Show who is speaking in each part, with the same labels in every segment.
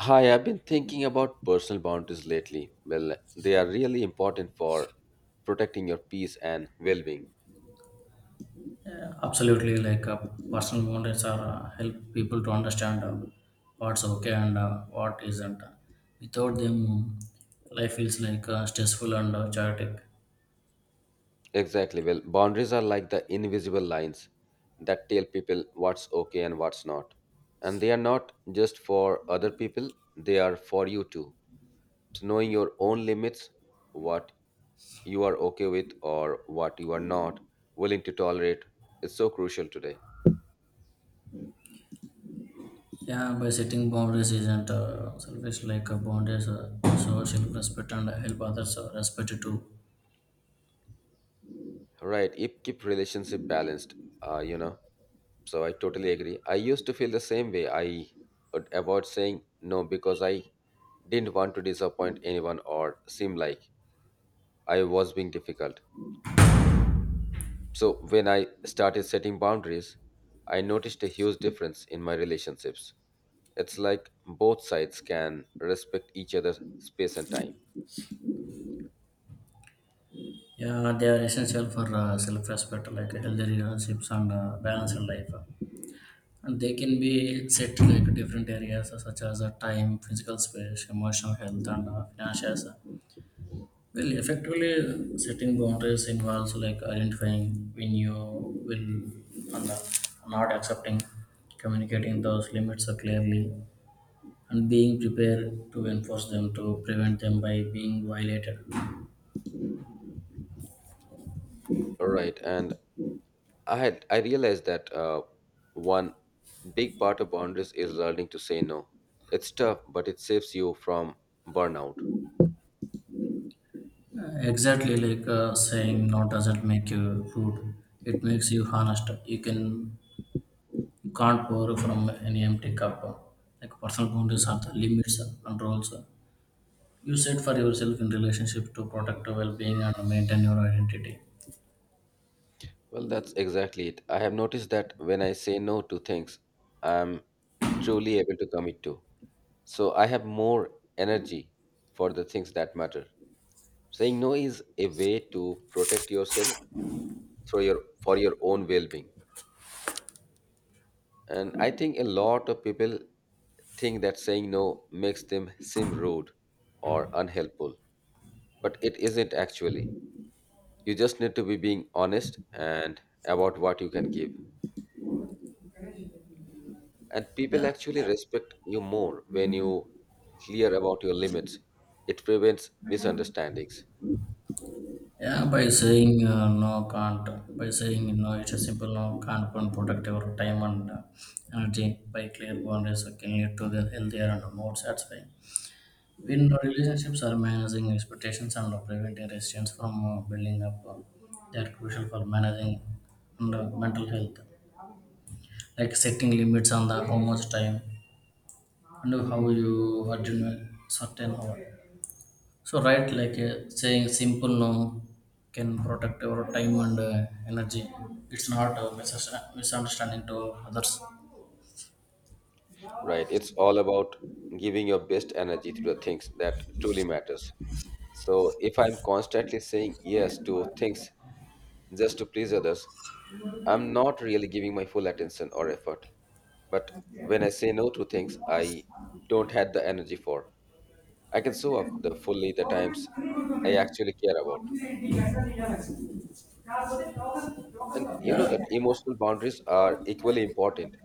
Speaker 1: Hi, I've been thinking about personal boundaries lately. Well, they are really important for protecting your peace and well being.
Speaker 2: Yeah, absolutely. Personal boundaries are help people to understand what's okay and what isn't. Without them, life feels like stressful and chaotic.
Speaker 1: Exactly. Well, boundaries are like the invisible lines that tell people what's okay and what's not. And they are not just for other people, they are for you too. It's knowing your own limits, what you are okay with or what you are not willing to tolerate, is so crucial today.
Speaker 2: Yeah, by setting boundaries isn't selfish. Boundaries, so self-respect and help others respect it too.
Speaker 1: Right, it keep relationship balanced, you know. So I totally agree. I used to feel the same way. I would avoid saying no because I didn't want to disappoint anyone or seem like I was being difficult. So when I started setting boundaries, I noticed a huge difference in my relationships. It's like both sides can respect each other's space and time.
Speaker 2: Yeah, they are essential for self-respect, like healthy relationships and balanced life. And they can be set to like different areas such as time, physical space, emotional health, and finances. Well, effectively setting boundaries involves like identifying when you will and not accepting, communicating those limits clearly, and being prepared to enforce them to prevent them by being violated. Uh,
Speaker 1: Right, and I realized that one big part of boundaries is learning to say no. It's tough, but it saves you from burnout.
Speaker 2: Exactly saying no doesn't make you rude. It makes you honest. You can't pour from an empty cup. Like personal boundaries are the limits and roles you set for yourself in relationship to protect your well-being and maintain your identity.
Speaker 1: Well, that's exactly it. I have noticed that when I say no to things, I'm truly able to commit to. So I have more energy for the things that matter. Saying no is a way to protect yourself through your for your own well-being. And I think a lot of people think that saying no makes them seem rude or unhelpful, but it isn't actually. You just need to be being honest and about what you can give. And people
Speaker 2: Yeah,
Speaker 1: actually respect you more when you clear about your limits. It prevents misunderstandings.
Speaker 2: yeah. By saying no, can't. By saying no, it's a simple no, can't and protect your time and energy. By clear boundaries, can lead to the healthier and more satisfying. In relationships, are managing expectations and preventing resistance from building up. They are crucial for managing and, mental health. Like setting limits on the how much time and how you are doing certain hour. So right, like saying simple no can protect your time and energy. It's not a misunderstanding to others.
Speaker 1: Right? It's all about giving your best energy to the things that truly matters. So if I'm constantly saying yes to things just to please others, I'm not really giving my full attention or effort. But when I say no to things I don't have the energy for, I can show off the fully the times I actually care about. And you know that emotional boundaries are equally important.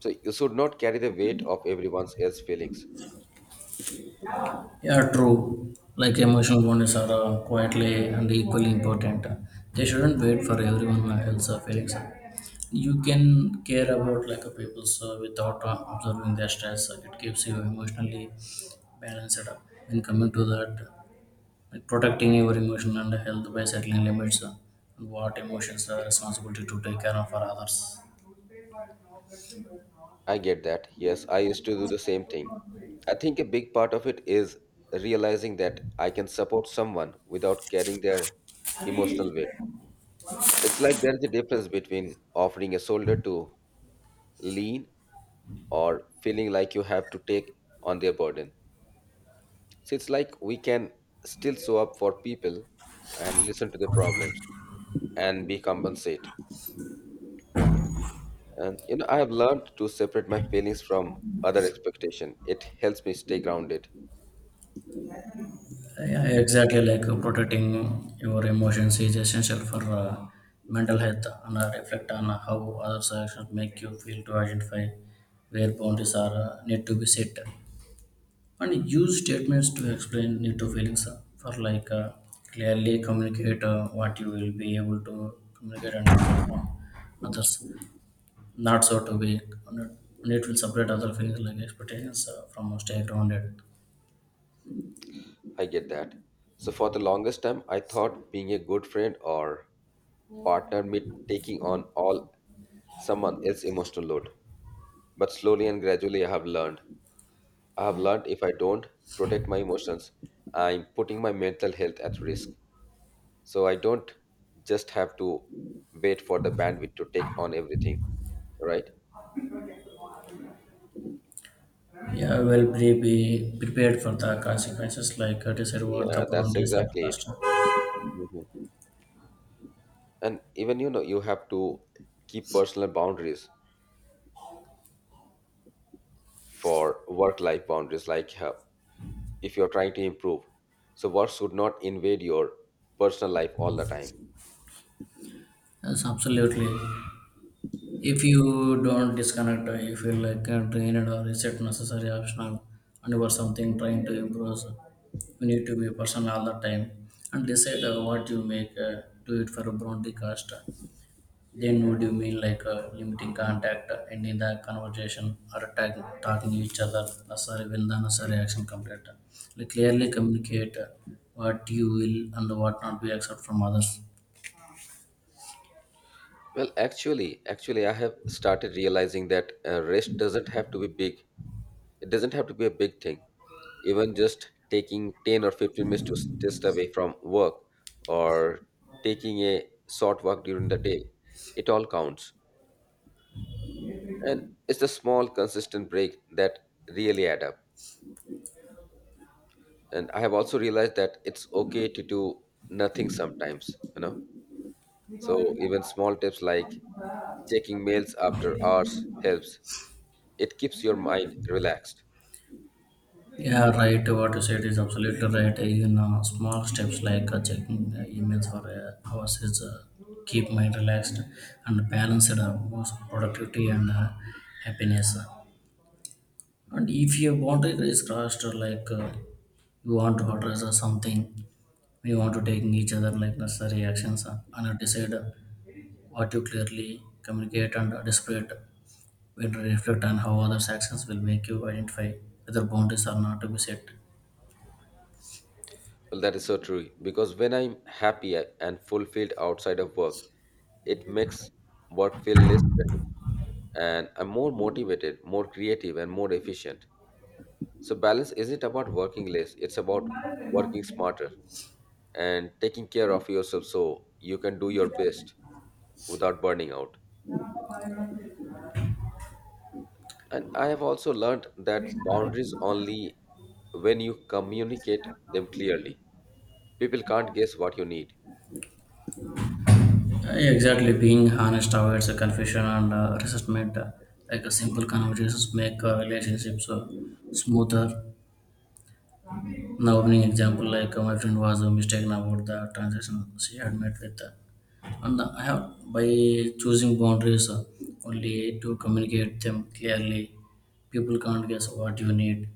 Speaker 1: So you should not carry the weight of everyone else's feelings.
Speaker 2: Yeah, true. Like emotional bonus are quietly and equally important. They shouldn't wait for everyone else's feelings. You can care about like a people's without observing their stress. It keeps you emotionally balanced. When coming to that, like protecting your emotion and health by setting limits and what emotions are responsibility to take care of for others.
Speaker 1: I get that. Yes, I used to do the same thing. I think a big part of it is realizing that I can support someone without carrying their emotional weight. It's like there's a difference between offering a shoulder to lean or feeling like you have to take on their burden. So it's like we can still show up for people and listen to their problems and be compensate. And you know, I have learned to separate my feelings from other expectation. It helps me stay grounded.
Speaker 2: Yeah, exactly. Protecting your emotions is essential for mental health, and reflect on how others' actions make you feel to identify where boundaries are need to be set, and use statements to explain need to feelings for like clearly communicate what you will be able to communicate and inform others. Not so to be, and it will separate other feelings like expectations from stay grounded.
Speaker 1: I get that. So for the longest time, I thought being a good friend or partner meant taking on all someone else's emotional load. But slowly and gradually, I have learned. I have learned if I don't protect my emotions, I'm putting my mental health at risk. So I don't just have to wait for the bandwidth to take on everything, right?
Speaker 2: Yeah, well, be prepared for the consequences, like decide what the
Speaker 1: Yeah, that's
Speaker 2: boundaries are
Speaker 1: exactly it.
Speaker 2: first.
Speaker 1: Mhm. And even you know, you have to keep personal boundaries for work life boundaries, like if you're trying to improve. So, work should not invade your personal life all the time.
Speaker 2: Yes, absolutely. If you don't disconnect, you feel like drained or reset necessary optional, and you are something trying to improve, you need to be personal all the time and decide what you make. Do it for a boundary cost. Then what do you mean like limiting contact, ending the conversation, or tag, talking each other? Necessary will the necessary action complete. Like clearly communicate what you will and what not be accept from others.
Speaker 1: Well, actually, I have started realizing that rest doesn't have to be big. It doesn't have to be a big thing. Even just taking 10 or 15 minutes to just away from work or taking a short walk during the day, it all counts. And it's the small, consistent break that really add up. And I have also realized that it's okay to do nothing sometimes, you know. So even small tips like checking mails after hours helps. It keeps your mind relaxed.
Speaker 2: Yeah, right. What you said is absolutely right. Even small steps like checking emails for hours is keep mind relaxed and balanced both productivity and happiness. And if your boundary is crossed, like you want to address or something, we want to take each other like necessary actions and decide what you clearly communicate and display. We reflect on how others' actions will make you identify whether boundaries are not to be set.
Speaker 1: Well, that is so true because when I'm happy and fulfilled outside of work, it makes work feel less draining and I'm more motivated, more creative, and more efficient. So, balance isn't about working less, it's about working smarter and taking care of yourself so you can do your best without burning out. And I have also learned that boundaries only when you communicate them clearly. People can't guess what you need.
Speaker 2: Exactly, being honest avoids confusion and resentment. Like a simple conversations make relationships smoother. Now opening example, like my friend was mistaken about the transaction she had met with, and I have by choosing boundaries only to communicate them clearly. People can't guess what you need,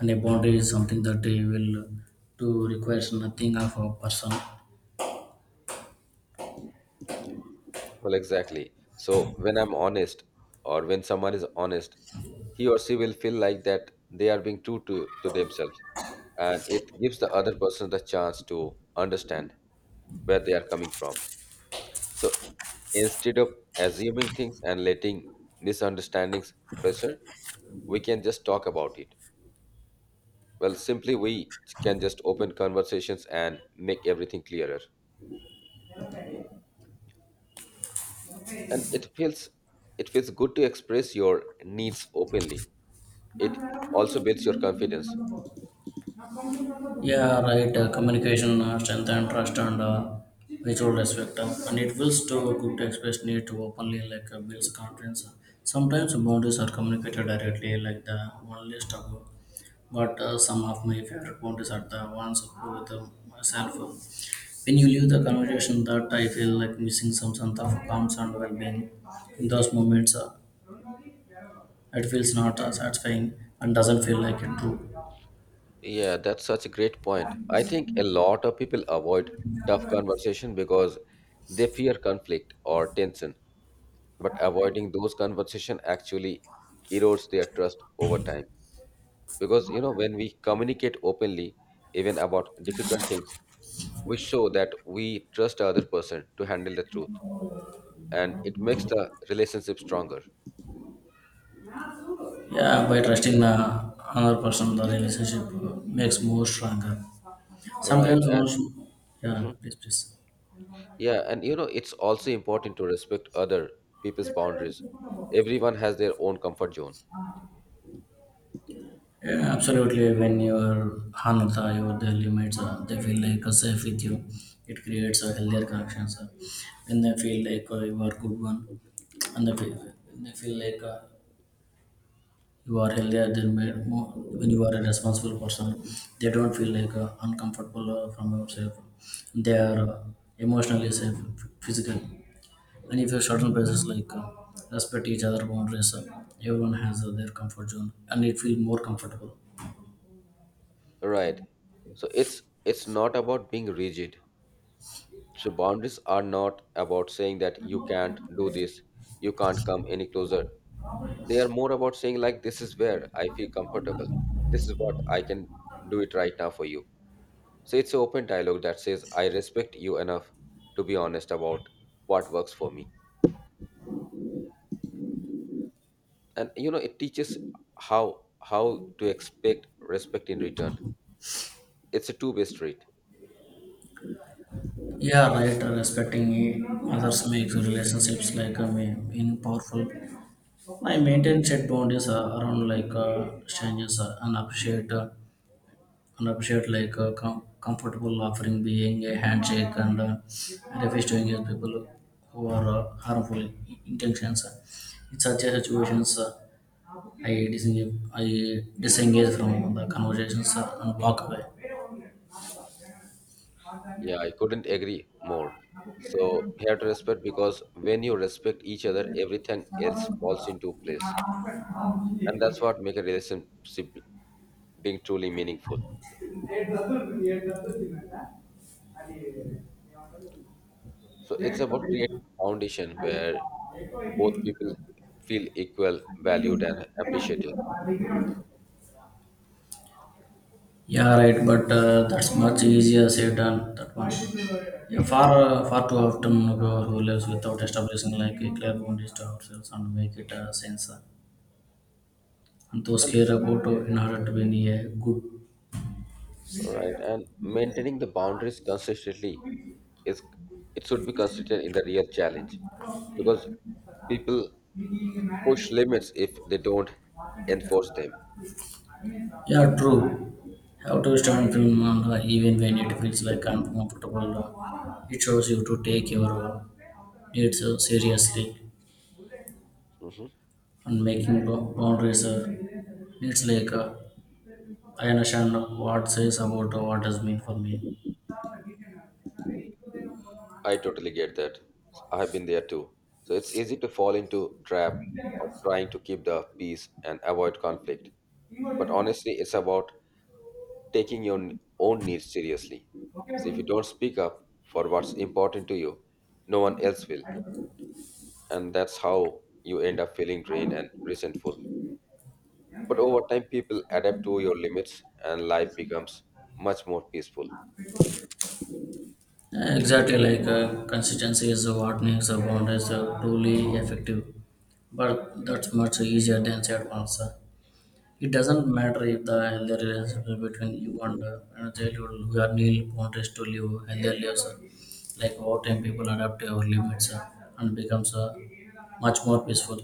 Speaker 2: and a boundary is something that they will to requires nothing of a person.
Speaker 1: Well, exactly. So when I'm honest, or when someone is honest, he or she will feel like that they are being true to themselves, and it gives the other person the chance to understand where they are coming from. So instead of assuming things and letting misunderstandings pressure, we can just talk about it. Well, simply we can just open conversations and make everything clearer. And it feels good to express your needs openly it also builds your confidence.
Speaker 2: Yeah, right. Communication, strength, and trust, and mutual respect, and it feels to good to express need to openly like builds confidence. Sometimes boundaries are communicated directly, like the one list. But some of my favorite boundaries are the ones who with myself. When you leave the conversation, that I feel like missing some sense of calm and well-being. In those moments, it feels not satisfying and doesn't feel like it true.
Speaker 1: Yeah, that's such a great point. I think a lot of people avoid tough conversation because they fear conflict or tension. But avoiding those conversation actually erodes their trust over time. Because you know, when we communicate openly, even about difficult things, we show that we trust the other person to handle the truth, and it makes the relationship stronger.
Speaker 2: Yeah, by trusting the another person, the relationship makes more stronger.
Speaker 1: All right,
Speaker 2: Sometimes, one
Speaker 1: and
Speaker 2: should, yeah,
Speaker 1: mhm.
Speaker 2: please, please.
Speaker 1: Yeah, and you know, it's also important to respect other people's boundaries. Everyone has their own comfort zone,
Speaker 2: Yeah, absolutely. When you are honor the your their limits, they feel like safe with you. It creates a healthier connection. When they feel like you are good one, and they feel like you are healthier. They made more when you are a responsible person. They don't feel like uncomfortable from yourself. They are emotionally safe, physically. And if you certain places like respect each other boundaries everyone has their comfort zone and it feels more comfortable.
Speaker 1: right? So it's not about being rigid. So boundaries are not about saying that you can't do this, you can't come any closer. They are more about saying like this is where I feel comfortable. This is what I can do it right now for you. So it's an open dialogue that says I respect you enough to be honest about what works for me. And you know it teaches how to expect respect in return. It's a two-way street.
Speaker 2: Yeah, right. Respecting others makes relationships like meaning powerful. I maintain set boundaries around like strangers and appreciate like a comfortable offering being a handshake and refuse to engage people who are harmful intentions in such a situations, I disengage. I disengage from the conversations and walk away.
Speaker 1: Yeah, I couldn't agree more. So you have to respect because when you respect each other everything else falls into place, and that's what make a relationship being truly meaningful. So it's about creating a foundation where both people feel equal valued and appreciated.
Speaker 2: Yeah, right, but that's much easier said than that one. Yeah, far too often, who lives without establishing like a clear boundaries to ourselves and make it sense. And those
Speaker 1: And
Speaker 2: Antoskera Goto inherent when a good.
Speaker 1: all right, and maintaining the boundaries consistently is it should be consistent in the real challenge because people push limits if they don't enforce them.
Speaker 2: Yeah, true. How to stand film manga even when it feels like uncomfortable. It shows you to take your needs seriously
Speaker 1: Hmm.
Speaker 2: and making boundaries. It's like I understand what says about what does mean for me.
Speaker 1: I totally get that. I have been there too. So it's easy to fall into trap of trying to keep the peace and avoid conflict. But honestly, it's about taking your own needs seriously. So if you don't speak up for what's important to you, no one else will, and that's how you end up feeling drained and resentful. But over time, people adapt to your limits, and life becomes much more peaceful.
Speaker 2: Exactly like consistency is what makes a boundaries truly effective, but that's much easier than said once. It doesn't matter if the healthy relationship between you and and a childhood who are need boundaries to live healthy lives. Like over time, people adapt to our limits and becomes much more peaceful.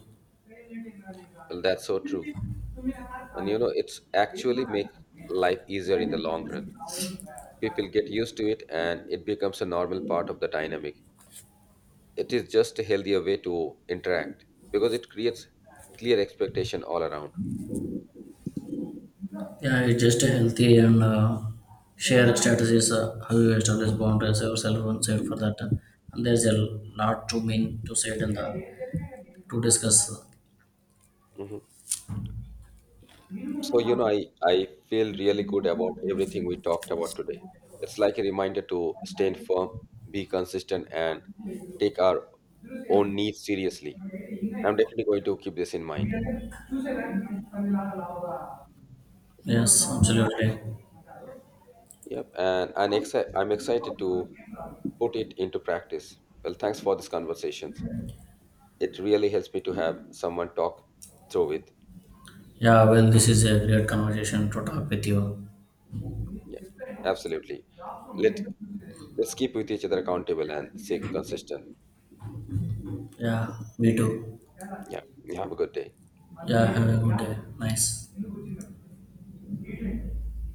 Speaker 1: Well, that's so true, and you know it's actually make life easier in the long run. People get used to it, and it becomes a normal part of the dynamic. It is just a healthier way to interact because it creates clear expectation all around.
Speaker 2: Yeah, it's just a healthy and shared strategies how you establish boundaries yourself and set for that. And there's a lot to mean to say it in the to discuss.
Speaker 1: Mhm. So, you know, I feel really good about everything we talked about today. It's like a reminder to stand firm, be consistent, and take our own needs seriously. I'm definitely going to keep this in mind.
Speaker 2: Yes, absolutely.
Speaker 1: Yep. And I'm excited to put it into practice. Well, thanks for these conversations. It really helps me to have someone talk through it.
Speaker 2: Yeah, well, this is a great conversation to talk with you.
Speaker 1: Yeah, absolutely. Let, let's keep with each other accountable and stay consistent.
Speaker 2: Yeah, me too.
Speaker 1: Yeah. Have a good day.
Speaker 2: Yeah, have a good day. Nice.